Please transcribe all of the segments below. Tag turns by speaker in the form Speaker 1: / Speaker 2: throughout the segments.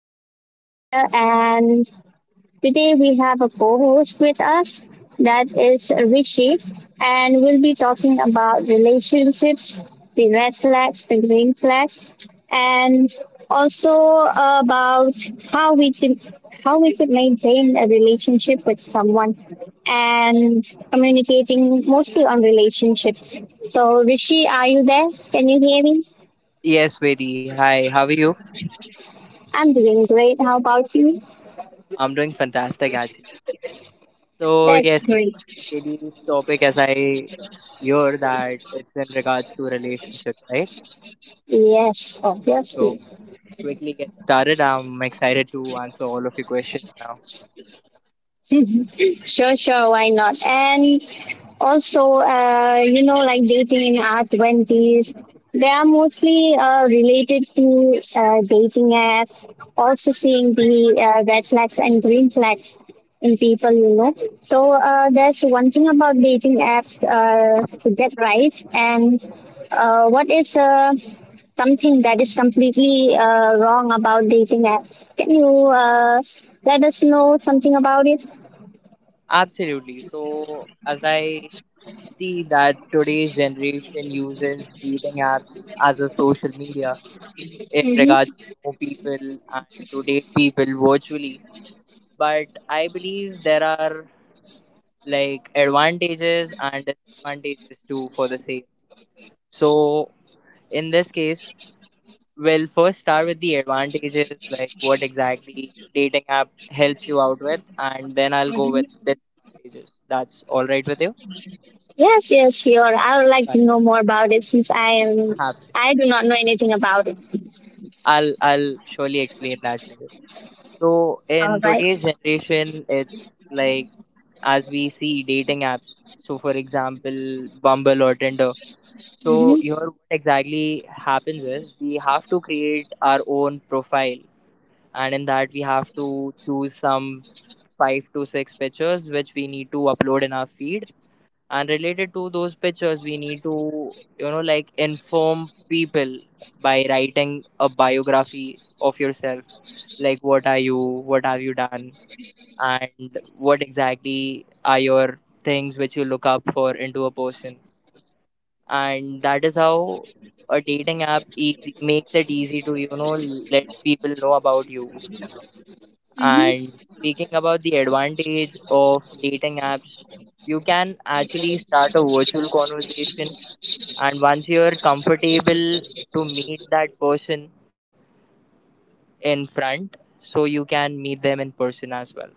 Speaker 1: is Preeti here, and today we have a co host with us, that is Rishi, and we'll be talking about relationships, the red flags, the green flags, and also about how we can how we could maintain a relationship with someone and communicating mostly on relationships. So Rishi, are you there? Can you hear me?
Speaker 2: Yes, Vedi. Hi, how are you?
Speaker 1: I'm doing great. How about you?
Speaker 2: I'm doing fantastic actually. So
Speaker 1: That's
Speaker 2: yes, Vedi.
Speaker 1: great.
Speaker 2: Today's topic, as I hear that it's in regards to relationship, right?
Speaker 1: Yes,
Speaker 2: So
Speaker 1: obviously.
Speaker 2: let's quickly get started. I'm excited to answer all of your questions now.
Speaker 1: Sure, sure, why not? And also, you know, like dating in our 20s, they are mostly related to dating apps, also seeing the red flags and green flags in people, you know. So there's one thing about dating apps to get right, and what is something that is completely wrong about dating apps? Can you let us know something about it?
Speaker 2: Absolutely. So as I see that today's generation uses dating apps as a social media in regards to know people and to date people virtually, but I believe there are like advantages and disadvantages too for the same. So in this case, we'll first start with the advantages, like what exactly dating app helps you out with, and then I'll go
Speaker 1: Mhm.
Speaker 2: with disadvantages. That's all right with you?
Speaker 1: Yes, yes, sure. I would like to know more
Speaker 2: Fantastic.
Speaker 1: about it, since I am
Speaker 2: Absolutely.
Speaker 1: I do not know anything about it.
Speaker 2: I'll surely explain that to you. So
Speaker 1: All
Speaker 2: in
Speaker 1: right.
Speaker 2: today's generation, it's like as we see dating apps. So for example, Bumble or Tinder. So here,
Speaker 1: Mm-hmm.
Speaker 2: what exactly happens is we have to create our own profile, and in that we have to choose some five to six pictures which we need to upload in our feed. And related to those pictures, we need to, you know, like inform people by writing a biography of yourself, like what are you, what have you done, and what exactly are your things which you look up for into a person. And that is how a dating app easy makes it easy to, you know, let people know about you.
Speaker 1: Mm-hmm.
Speaker 2: And speaking about the advantage of dating apps, you can actually start a virtual conversation, and once you're comfortable to meet that person in front, so you can meet them in person as well.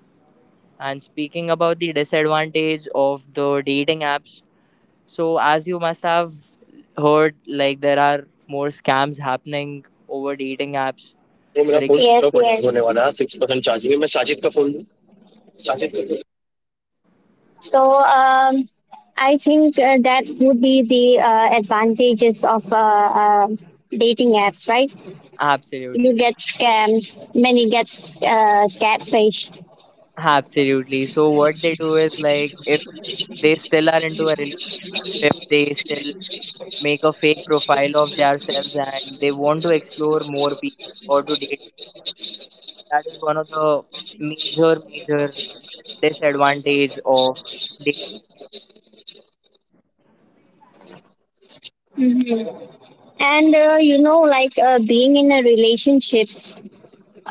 Speaker 2: And speaking about the disadvantage of the dating apps. So, as you must have heard, like there are more scams happening over dating apps. For
Speaker 1: Yes,
Speaker 2: example, if you
Speaker 1: yes. So um, I think that would be the advantages of dating apps, right? You
Speaker 2: absolutely,
Speaker 1: get scammed, many get catfished.
Speaker 2: absolutely. So, what they do is like if they still are into a relationship, they still make a fake profile of themselves and they want to explore more people or to date more. That is one of the major disadvantage of dating.
Speaker 1: hmm And you know, like being in a relationship.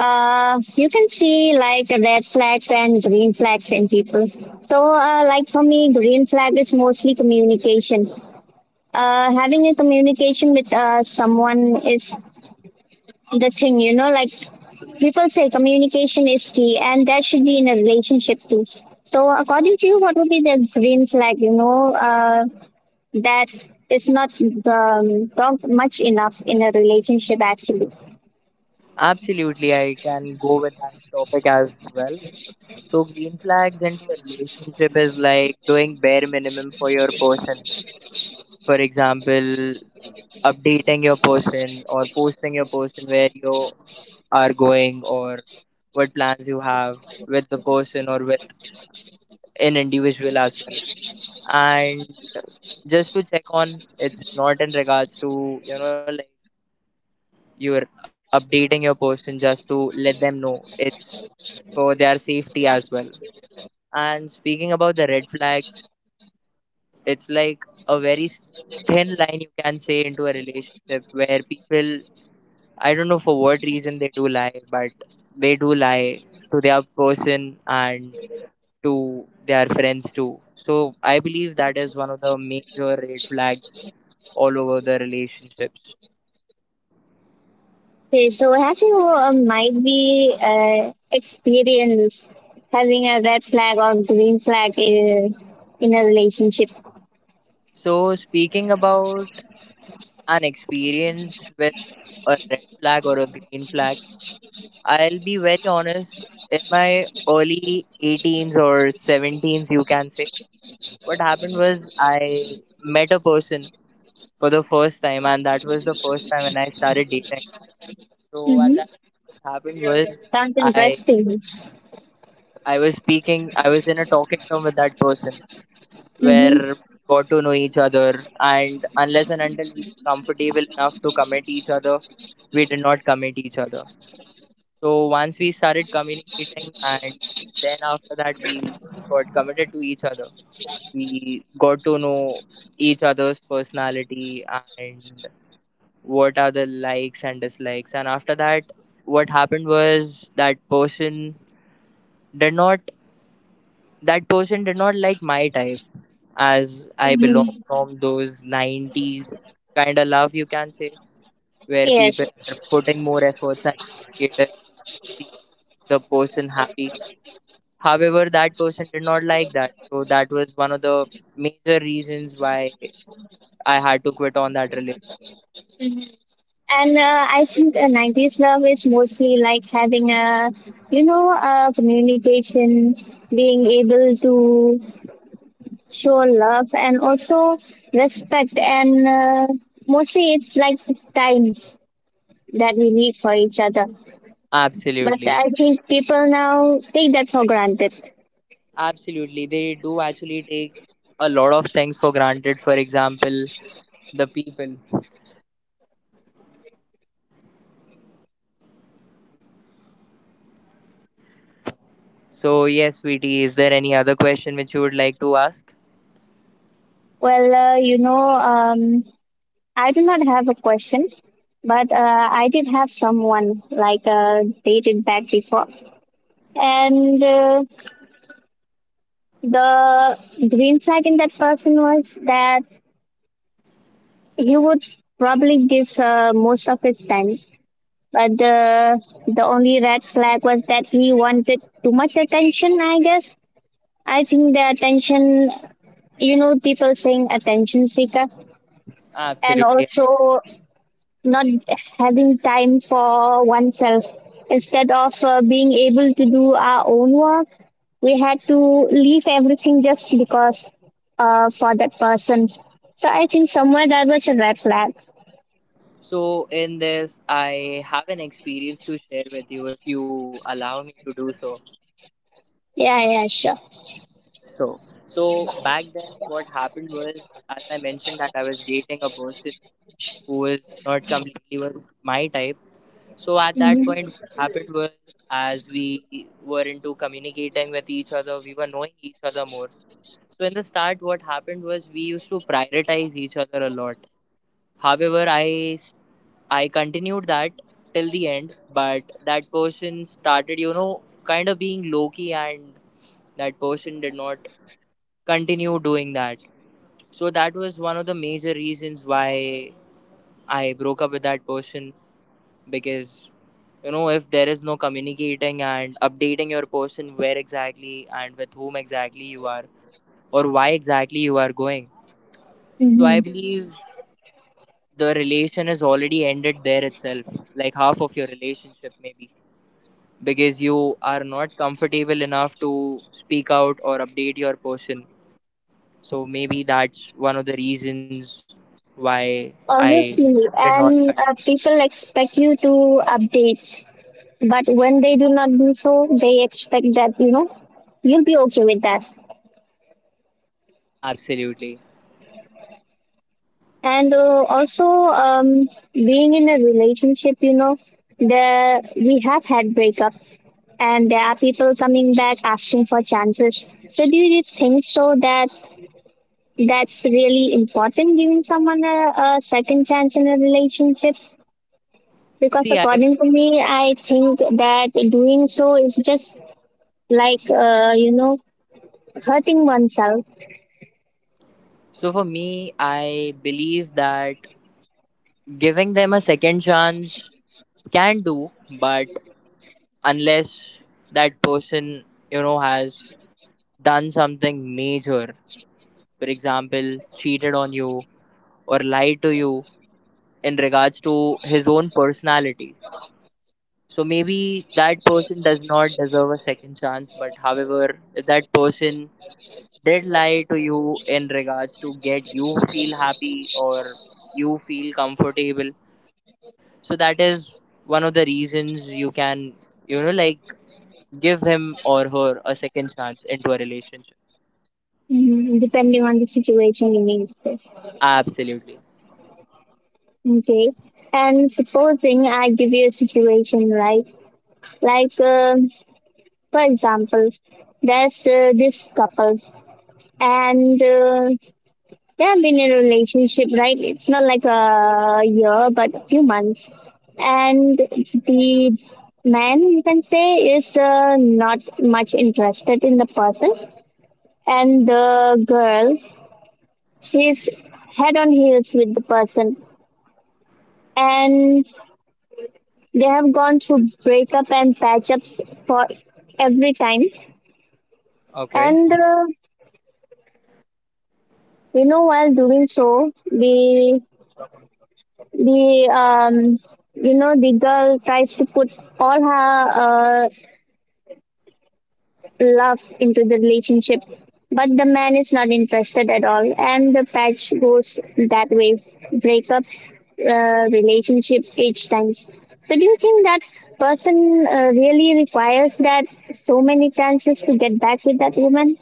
Speaker 1: You can see like red flags and green flags in people. So, like for me, green flag is mostly communication. Having a communication with someone is the thing, you know, like people say communication is key, and that should be in a relationship too. So, according to you, what would be the green flag, you know, that is not much enough in a relationship actually?
Speaker 2: Absolutely, I can go with that topic as well. So, green flags into a relationship is like doing bare minimum for your person. For example, updating your person or posting your person where you are going or what plans you have with the person or with an individual as well. And just to check on, it's not in regards to, you know, like you're updating your person just to let them know it's for their safety as well. And speaking about the red flags, it's like a very thin line you can say into a relationship where people, I don't know for what reason they do lie, but they do lie to their person and to their friends too. So I believe that is one of the major red flags all over the relationships.
Speaker 1: Okay, so have you might be experienced having a red flag or green flag in a relationship?
Speaker 2: So speaking about an experience with a red flag or a green flag, I'll be very honest. In my early 18s or 17s, you can say, what happened was I met a person for the first time, and that was the first time when I started dating. So, at
Speaker 1: Mm-hmm.
Speaker 2: that, what happened was
Speaker 1: Sounds
Speaker 2: I
Speaker 1: interesting.
Speaker 2: I was speaking, I was in a talking term with that person where we
Speaker 1: Mm-hmm.
Speaker 2: got to know each other, and unless and until we were comfortable enough to commit each other, we did not commit each other. So once we started communicating, and then after that, we got committed to each other. We got to know each other's personality and what are the likes and dislikes, and after that, what happened was did not that person did not like my type as I
Speaker 1: Mm-hmm.
Speaker 2: belong from those 90s kind of love, you can say, where
Speaker 1: Yes,
Speaker 2: people are putting more efforts and initiative to see the person happy. However, that person did not like that. So, that was one of the major reasons why I had to quit on that relation.
Speaker 1: and I think a 90s love is mostly like having a, you know, a communication, being able to show love and also respect, and mostly it's like time that we need for each other. But
Speaker 2: Absolutely.
Speaker 1: I think people now take that for granted.
Speaker 2: Absolutely. They do actually take a lot of things for granted. For example, the people. So, yes, Sweetie, is there any other question which you would like to ask?
Speaker 1: Well, you know, I do not have a question, but I did have someone like dated back before, and the green flag in that person was that he would probably give most of his time. But the only red flag was that he wanted too much attention. I guess I think the attention, you know, people saying attention seeker. And
Speaker 2: Absolutely.
Speaker 1: also not having time for oneself. Instead of being able to do our own work, we had to leave everything just because for that person. So I think somewhere that was a red flag.
Speaker 2: So, in this, I have an experience to share with you if you allow me to do so.
Speaker 1: Yeah, yeah, sure.
Speaker 2: So back then, what happened was, as I mentioned, that I was dating a person who is not completely was my type. So at that
Speaker 1: Mm-hmm.
Speaker 2: point, what happened was as we were into communicating with each other, we were knowing each other more. So in the start, what happened was we used to prioritize each other a lot. However, I continued that till the end, but that person started, you know, kind of being low key, and that person did not continue doing that. So that was one of the major reasons why I broke up with that person because you know if there is no communicating and updating your person where exactly and with whom exactly you are or why exactly you are going, so I
Speaker 1: hmm
Speaker 2: believe the relation is already ended there itself, like half of your relationship maybe, because you are not comfortable enough to speak out or update your person. So maybe that's one of the reasons why I
Speaker 1: Obviously,
Speaker 2: did not
Speaker 1: and
Speaker 2: continue.
Speaker 1: people expect you to update, but when they do not do so, they expect that, you know, you'll be okay with that.
Speaker 2: Absolutely.
Speaker 1: And also being in a relationship, you know, there we have had breakups, and there are people coming back asking for chances. So do you think so that that's really important, giving someone a second chance in a relationship? Because
Speaker 2: See, I believe.
Speaker 1: according to me, I think that doing so is just like, you know, hurting oneself.
Speaker 2: So for me, I believe that giving them a second chance can do, but unless that person, you know, has done something major, for example, cheated on you or lied to you in regards to his own personality. So maybe that person does not deserve a second chance, but however, if that person did lie to you in regards to get you feel happy or you feel comfortable, so that is one of the reasons you can, you know, like give him or her a second chance into a relationship.
Speaker 1: Mm, depending on the situation, you mean.
Speaker 2: Absolutely.
Speaker 1: Okay. And supposing I give you a situation, right? Like, for example, there's this couple, and they have been in a relationship, right? It's not like a year, but a few months. And the man, you can say, is not much interested in the person. And the girl, she's head on heels with the person. And they have gone through breakup and patch ups for every time. And
Speaker 2: Okay.
Speaker 1: you know, while doing so, the you know, the girl tries to put all her uh, love into the relationship, but the man is not interested at all, and the patch goes that way, breakup, relationship each time. So, do you think that person really requires that so many chances to get back with that woman?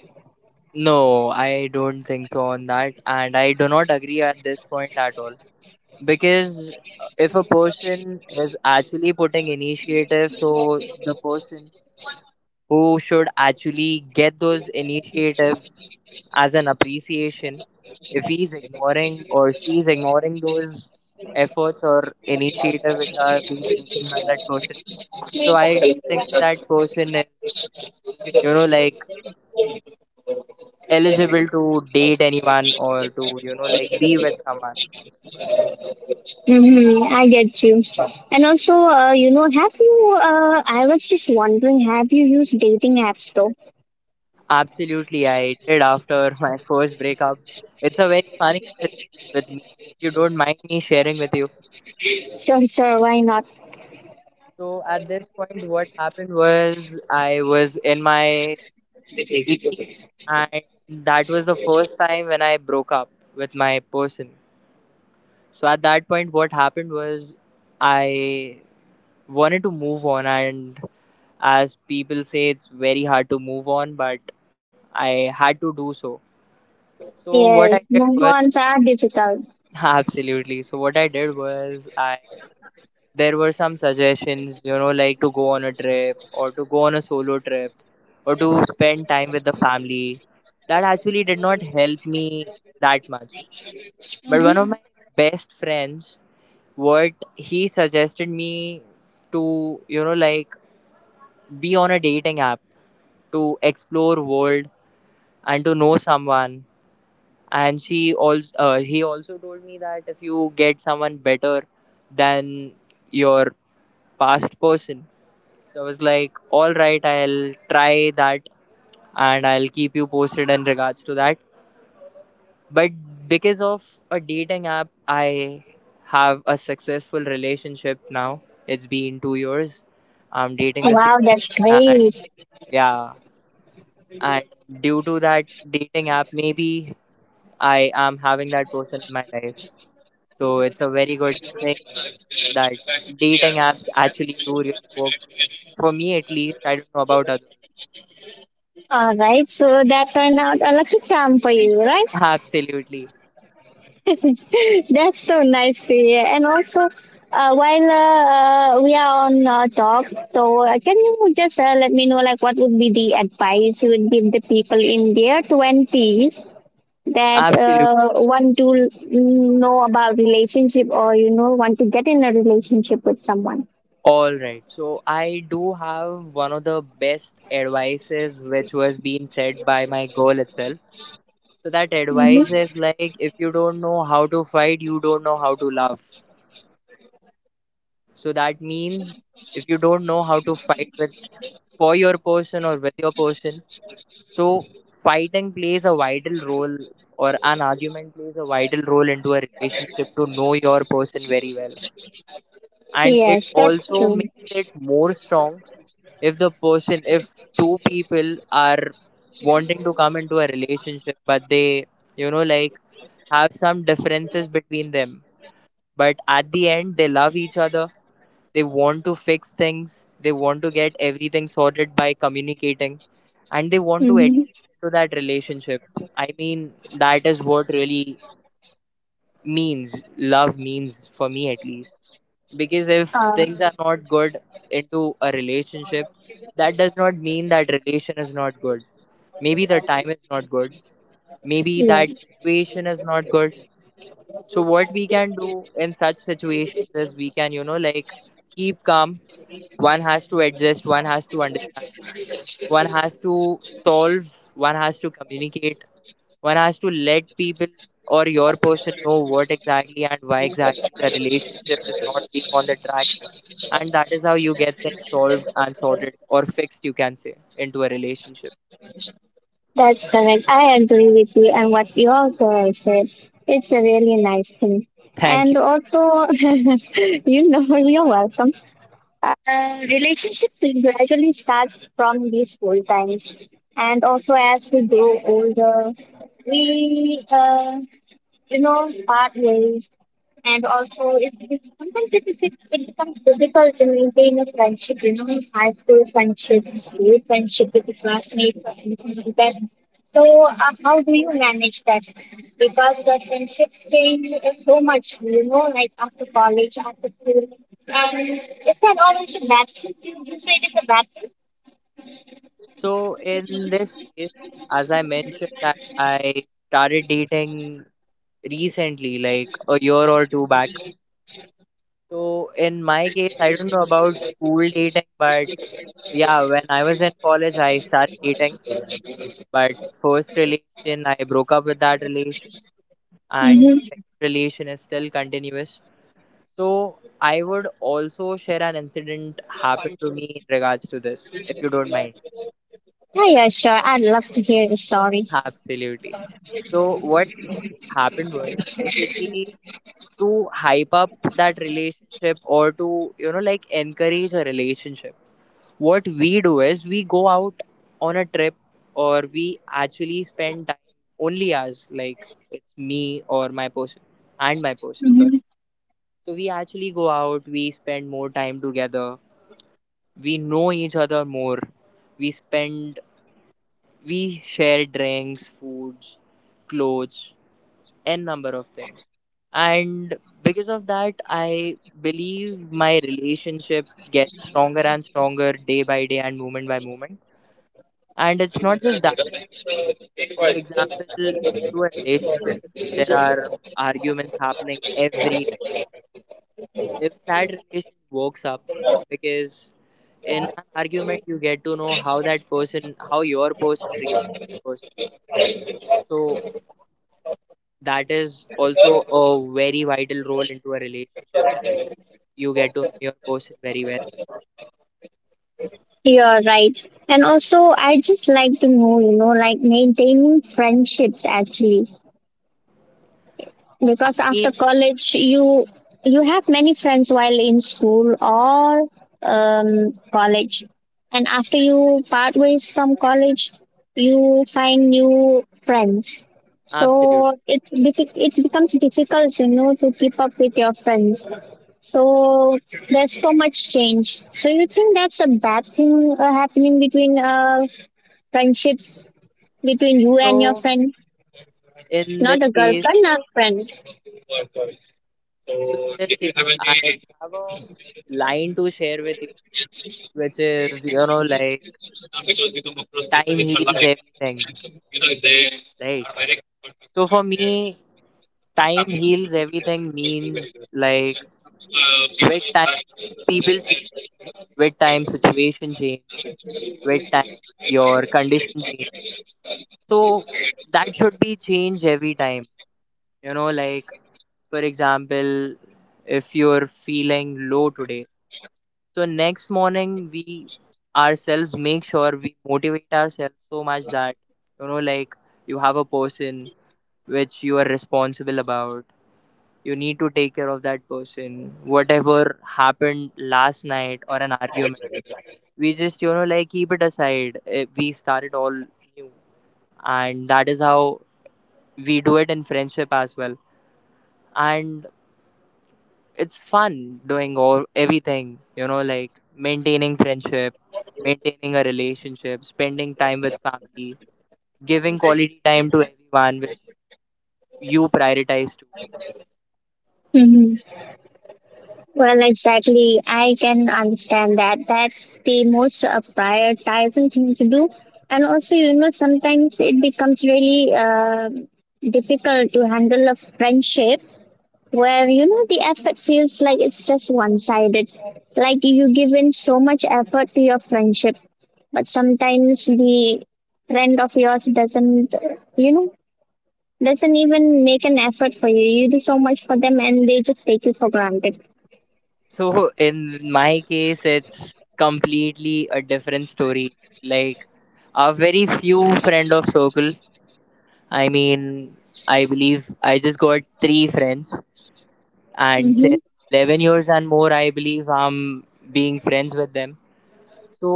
Speaker 2: No, I don't think so on that and I do not agree at this point at all, because if a person is actually putting initiative, so the person who should actually get those initiatives as an appreciation. If he's ignoring or she's ignoring those efforts or initiative which are being taken by that person, so I don't think that person is, you know, like eligible to date anyone or to, you know, like be with someone.
Speaker 1: Mm-hmm, I get you. And also, you know, have you, I was just wondering, have you used dating apps though?
Speaker 2: Absolutely, I did after my first breakup. It's a very funny incident with me. If you don't mind me sharing with you.
Speaker 1: Sure, sure, why not?
Speaker 2: So at this point, what happened was I was in my 18, and that was the first time when I broke up with my person. So at that point, what happened was I wanted to move on, and as people say, it's very hard to move on, but I had to do so. So what I
Speaker 1: Yes,
Speaker 2: did
Speaker 1: move
Speaker 2: was
Speaker 1: ons are difficult.
Speaker 2: absolutely. So what I did was I there were some suggestions, you know, like to go on a trip or to go on a solo trip or to spend time with the family. That actually did not help me that much. But one of
Speaker 1: hmm
Speaker 2: my best friends, what he suggested me to, you know, like be on a dating app to explore world and to know someone. And she also he also told me that if you get someone better than your past person. So I was like, all right, I'll try that and I'll keep you posted in regards to that. But because of a dating app, I have a successful relationship now. It's been 2 years. I'm dating the same
Speaker 1: Wow, that's
Speaker 2: person and
Speaker 1: great.
Speaker 2: yeah. And due to that dating app, maybe I am having that person in my life. So it's a very good thing that dating apps actually do really work. For me at least, I don't know about others.
Speaker 1: All right, so that turned out a lucky charm for you, right?
Speaker 2: Absolutely.
Speaker 1: That's so nice to hear. And also, while we are on talk, so can you just let me know, like, what would be the advice you would give the people in their twenties that
Speaker 2: Absolutely.
Speaker 1: want to know about relationship, or you know, want to get in a relationship with someone?
Speaker 2: All right. So I do have one of the best advices which was being said by my girl itself. So that
Speaker 1: hmm
Speaker 2: advice is like if you don't know how to fight, you don't know how to love. So that means if you don't know how to fight with for your person or with your person. So fighting plays a vital role or an argument plays a vital role into a relationship to know your person very well and it
Speaker 1: Yes, that's
Speaker 2: also
Speaker 1: true.
Speaker 2: makes it more strong if the person if two people are wanting to come into a relationship but they you know like have some differences between them but at the end they love each other they want to fix things they want to get everything sorted by communicating and they want to
Speaker 1: Mm-hmm.
Speaker 2: adjust to that relationship. I mean that is what really means love means for me at least, because if
Speaker 1: Uh,
Speaker 2: things are not good into a relationship that does not mean that relation is not good, maybe the time is not good, maybe
Speaker 1: yeah.
Speaker 2: that situation is not good. So what we can do in such situations is we can, you know, like keep calm. One has to adjust, one has to understand, one has to solve, one has to communicate, one has to let people or your person know what exactly and why exactly the relationship is not being on the track. And that is how you get things solved and sorted or fixed, you can say, into a relationship.
Speaker 1: That's correct. I agree with you and what your girl said. It's a really nice thing.
Speaker 2: Thank
Speaker 1: And
Speaker 2: you.
Speaker 1: also, you know, you're welcome. Relationships gradually starts from these school times. And also as we grow older, we you know, pathways. And also, sometimes it becomes difficult to maintain a friendship, you know, high school friendship with the classmates or anything like that. So, how do you manage that? Because the friendships change so much, you know, like after college, after school. And is that always a bad thing? Do you say it is a bad thing?
Speaker 2: So in this case, as I mentioned that I started dating recently, like a year or two back. So in my case, I don't know about school dating, but yeah, when I was in college, I started dating. But first relation, I broke up with that relation, and the
Speaker 1: Mm-hmm.
Speaker 2: second relation is still continuous. So I would also share an incident happened to me in regards to this, if you don't mind.
Speaker 1: Yeah, yeah, sure. I'd love to hear the story.
Speaker 2: Absolutely. So what happened was basically to hype up that relationship or to like encourage a relationship. What we do is we go out on a trip, or we actually spend time only as, like, it's me or my person and my person, sorry. So we actually go out, we spend more time together, we know each other more, we spend we share drinks, foods, clothes, n number of things, and because of that I believe my relationship gets stronger and stronger day by day and moment by moment. And it's not just that. For example, into a relationship, there are arguments happening every time. Even that relation works up, because in an argument you get to know how that person how your person reacts in person. So that is also a very vital role into a relationship, that you get to know your person very well.
Speaker 1: You're right. And also, I just like to know, you know, like maintaining friendships actually,
Speaker 2: I
Speaker 1: because after
Speaker 2: mean,
Speaker 1: college, you have many friends while in school or college, and after you part ways from college, you find new friends. So
Speaker 2: absolutely.
Speaker 1: it's it becomes difficult, you know, to keep up with your friends. So there's so much change. So you think that's a bad thing happening between friendship between you and your
Speaker 2: So
Speaker 1: friend,
Speaker 2: in
Speaker 1: not
Speaker 2: this
Speaker 1: a
Speaker 2: case,
Speaker 1: girlfriend, a friend.
Speaker 2: so in this case, I have a line to share with you, which is, like, time heals everything, right? So for me, time heals everything means, like, with time people change, with time situation change, with time your condition change. So that should be changed every time. Like, for example, if you're feeling low today, so next morning we ourselves make sure we motivate ourselves so much that, like, you have a person which you are responsible about. You need to take care of that person. Whatever happened last night or an argument, we just, like, keep it aside. We start it all new, and that is how we do it in friendship as well. And it's fun doing all everything, like, maintaining friendship, maintaining a relationship, spending time with family, giving quality time to everyone which you prioritize to.
Speaker 1: hmm Well, exactly. I can understand that. That's the most prioritizing thing to do. And also, you know, sometimes it becomes really difficult to handle a friendship where you know the effort feels like it's just one sided, like you give in so much effort to your friendship, but sometimes the friend of yours doesn't, you know, doesn't even make an effort for you. You do so much for them, and they just take you for granted.
Speaker 2: So in my case it's completely a different story. Like, a very few friend of circle, I mean, I believe I just got three friends, and
Speaker 1: Mm-hmm.
Speaker 2: since 11 years and more I believe I'm being friends with them. So,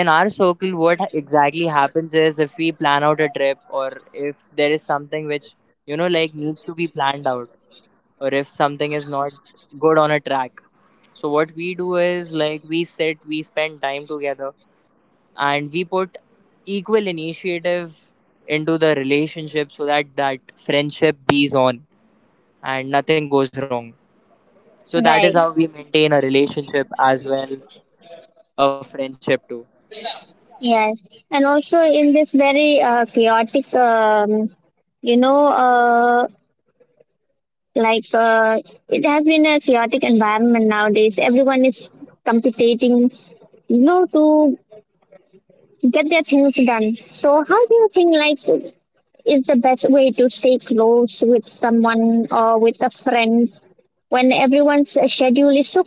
Speaker 2: in our circle, what exactly happens is, if we plan out a trip, or if there is something which, like, needs to be planned out, or if something is not good on a track. So, what we do is, like, we sit, we spend time together, and we put equal initiative into the relationship so that that friendship be on and nothing goes wrong. So, that is how
Speaker 1: Right.
Speaker 2: we maintain a relationship as well, a friendship too.
Speaker 1: Yes, and also in this very chaotic you know, like, it has been a chaotic environment nowadays. Everyone is competing, you know, to get their things done. So how do you think, like, is the best way to stay close with someone or with a friend when everyone's schedule is so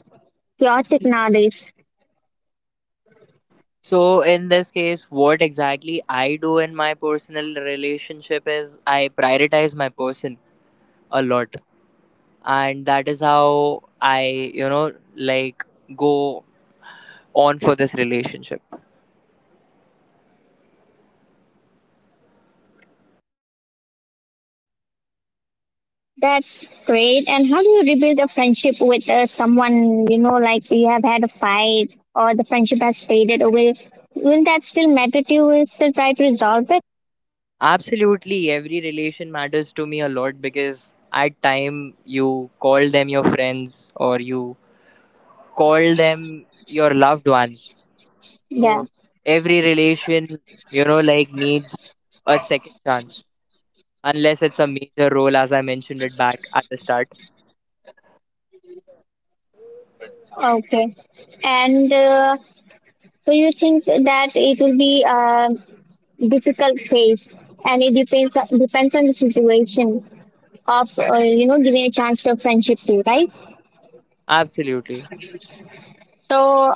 Speaker 1: chaotic nowadays?
Speaker 2: So in this case, what exactly I do in my personal relationship is I prioritize my person a lot, and that is how I, like, go on for this relationship.
Speaker 1: That's great. And how do you rebuild a friendship with someone, you know, like you have had a fight, or the friendship has faded away? Will that still matter to you? Will you still try to resolve it?
Speaker 2: Absolutely, every relation matters to me a lot, because at time you call them your friends or you call them your loved ones.
Speaker 1: Yeah.
Speaker 2: So every relation, like, needs a second chance. Unless it's a major role, as I mentioned it back at the start.
Speaker 1: Okay. And do you think that it will be a difficult phase? And it depends depends on the situation of, you know, giving a chance for friendship too, right?
Speaker 2: Absolutely.
Speaker 1: So,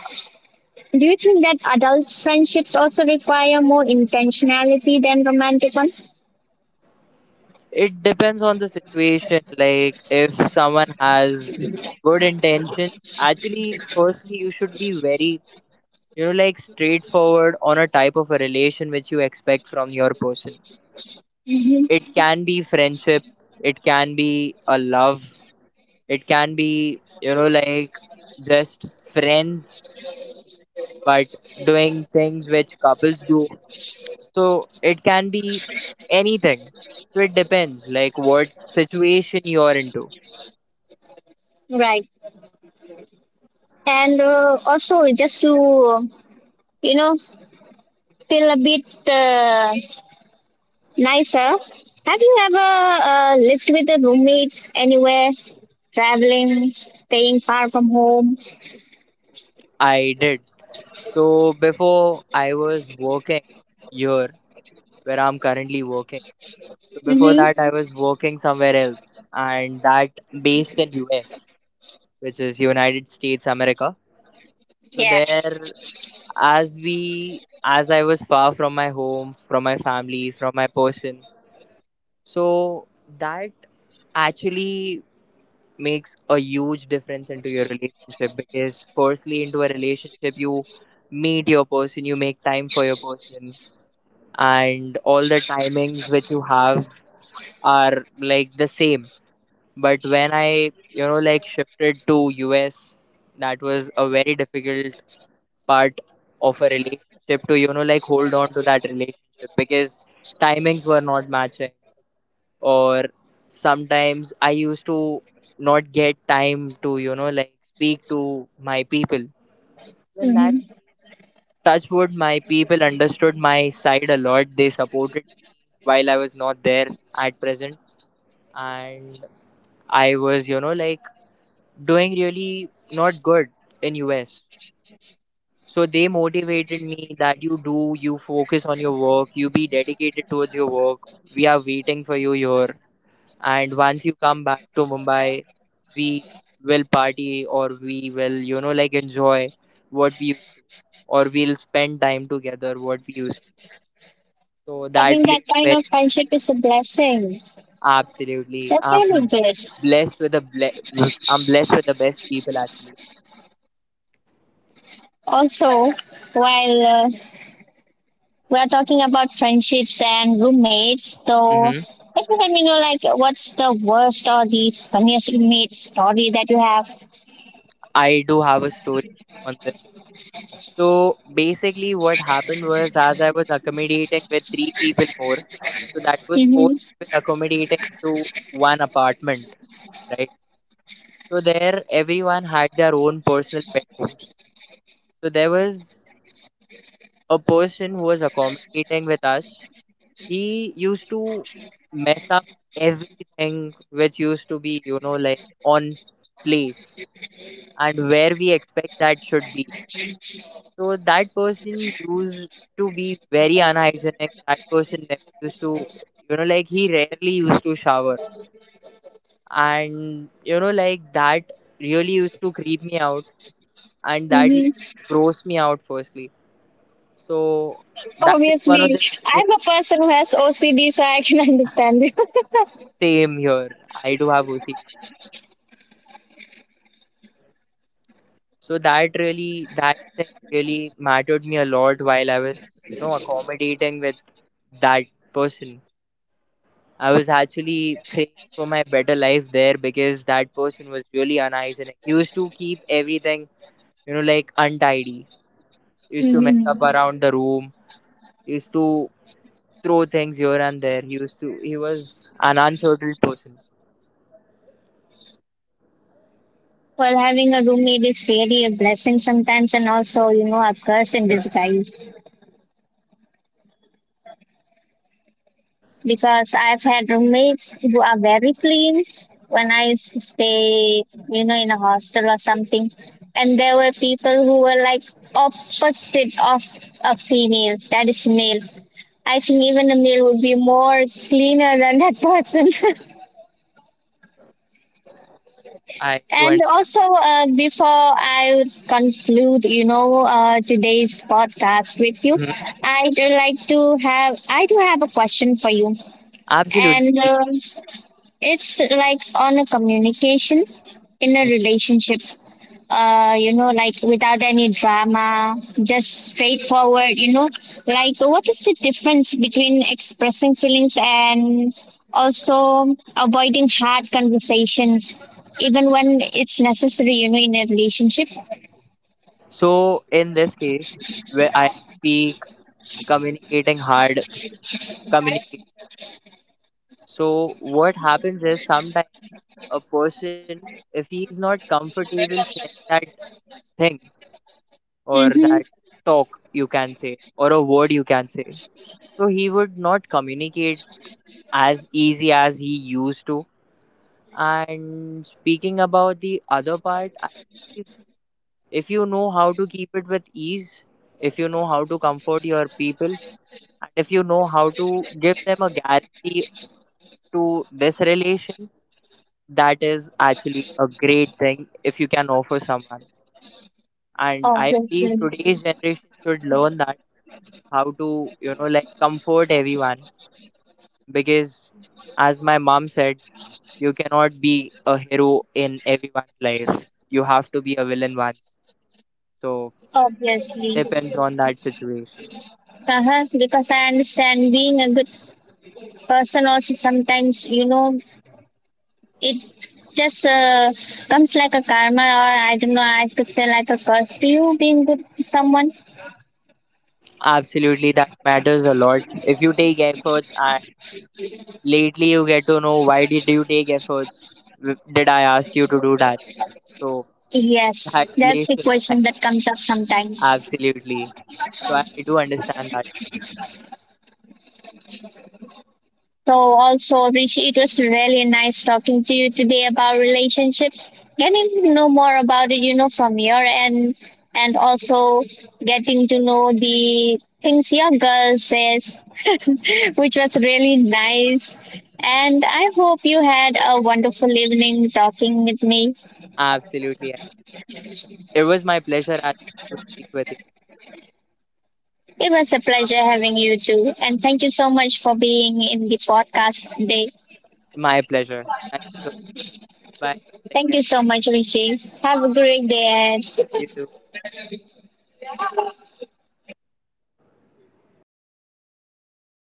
Speaker 1: do you think that adult friendships also require more intentionality than romantic ones?
Speaker 2: It depends on the situation. Like, if someone has good intention, actually, firstly, you should be very, like, straightforward on a type of a relation which you expect from your person.
Speaker 1: hmm
Speaker 2: It can be friendship, it can be a love, it can be, like, just friends, but doing things which couples do. So it can be anything. So it depends, like, what situation you're into.
Speaker 1: Right. And also, just to you know feel a bit. Nicer. Have you ever lived with a roommate anywhere? Traveling, staying far from home?
Speaker 2: I did. So before I was working here, where I'm currently working. So before
Speaker 1: Mm-hmm.
Speaker 2: that, I was working somewhere else, and that based in US, which is United States America. So
Speaker 1: Yeah.
Speaker 2: there, as I was far from my home, from my family, from my person. So that actually makes a huge difference into your relationship, because firstly into a relationship you meet your person, you make time for your person, and all the timings which you have are, like, the same. But when I, like, shifted to US, that was a very difficult part of a relationship, to, like, hold on to that relationship, because timings were not matching, or sometimes I used to not get time to, like, speak to my people. In that
Speaker 1: hmm
Speaker 2: case, touch wood, my people understood my side a lot, they supported me while I was not there at present, and I was, like, doing really not good in US. So they motivated me that you focus on your work, you be dedicated towards your work, we are waiting for you here, and once you come back to Mumbai, we will party, or we will, like, enjoy what we used to, or we'll spend time together what we used to. So that
Speaker 1: Having that
Speaker 2: played a
Speaker 1: kind
Speaker 2: very...
Speaker 1: of friendship is a blessing.
Speaker 2: Absolutely,
Speaker 1: That's really
Speaker 2: I'm
Speaker 1: good.
Speaker 2: blessed with the best people actually.
Speaker 1: Also, while we are talking about friendships and roommates, so
Speaker 2: Hmm.
Speaker 1: can you let me know, like, what's the worst or the funniest roommate story that you have?
Speaker 2: I do have a story on this. So basically what happened was, as I was accommodating with three people more, so that was four
Speaker 1: Mm-hmm.
Speaker 2: people accommodating to one apartment, right? So there, everyone had their own personal bedrooms. So there was a person who was accommodating with us. He used to mess up everything which used to be, like, on place and where we expect that should be. So that person used to be very unhygienic. That person never used to, like, he rarely used to shower. And, like, that really used to creep me out, and that used
Speaker 1: Mm-hmm.
Speaker 2: to gross me out firstly. So that is one of
Speaker 1: Obviously,
Speaker 2: the reasons.
Speaker 1: I'm a person who has OCD, so I can understand it.
Speaker 2: Same here. I do have OCD too. So that really, that thing really mattered me a lot while I was, accommodating with that person. I was actually praying for my better life there, because that person was really unhygienic. He used to keep everything, like, untidy. He used to mess up
Speaker 1: Mhm.
Speaker 2: around the room. He used to throw things here and there. He used to he was an uncertain person.
Speaker 1: Well, having a roommate is really a blessing sometimes, and also, you know, a curse in
Speaker 2: Absolutely.
Speaker 1: disguise. Because I've had roommates who are very clean when I used to stay, you know, in a hostel or something. And there were people who were like opposite of a female, that is male. I think even a male would be more cleaner than that person.
Speaker 2: I do
Speaker 1: And also, before I would conclude, you know, today's podcast with you,
Speaker 2: understand.
Speaker 1: I do have a question for you,
Speaker 2: Absolutely,
Speaker 1: and
Speaker 2: please.
Speaker 1: it's like on a communication in a
Speaker 2: Mhm.
Speaker 1: relationship. You know, like without any drama, just straightforward. You know, like what is the difference between expressing feelings and also avoiding hard conversations, even when it's necessary? You know, in a relationship.
Speaker 2: So in this case, where I speak communicating hard communication. So what happens is, sometimes a person, if he is not comfortable sharing that thing, or
Speaker 1: Mm-hmm.
Speaker 2: that talk, you can say, or a word, you can say, so he would not communicate as easy as he used to. And speaking about the other part, I believe, if you know how to keep it with ease, if you know how to comfort your people, and if you know how to give them a guarantee to this relation, that is actually a great thing, if you can offer someone. And I believe
Speaker 1: Obviously,
Speaker 2: today's generation should learn that, how to, like, comfort everyone, because, as my mom said, you cannot be a hero in everyone's life. You have to be a villain once. So
Speaker 1: obviously,
Speaker 2: depends on that situation.
Speaker 1: uh-huh. Because I understand being a good person also sometimes, you know, it just comes like a karma, or I don't know, I could say like a curse. Do you being good to someone?
Speaker 2: Absolutely, that matters a lot. If you take efforts, and lately you get to know, why did you take efforts? Did I ask you to do that? So
Speaker 1: Yes,
Speaker 2: that
Speaker 1: that's the
Speaker 2: relation,
Speaker 1: question that comes up sometimes.
Speaker 2: absolutely. So I do understand that.
Speaker 1: So also, Rishi, it was really nice talking to you today about relationships, getting to know more about it, you know, from your end, and also getting to know the things your girl says, which was really nice. And I hope you had a wonderful evening talking with me.
Speaker 2: Absolutely, I do. It was my pleasure actually to speak with you.
Speaker 1: It was a pleasure having you too. And thank you so much for being in the podcast today.
Speaker 2: My pleasure. Thank you so much. Bye. Take
Speaker 1: Thank
Speaker 2: care.
Speaker 1: you so much, Rishi. Have a great day ahead.
Speaker 2: You too.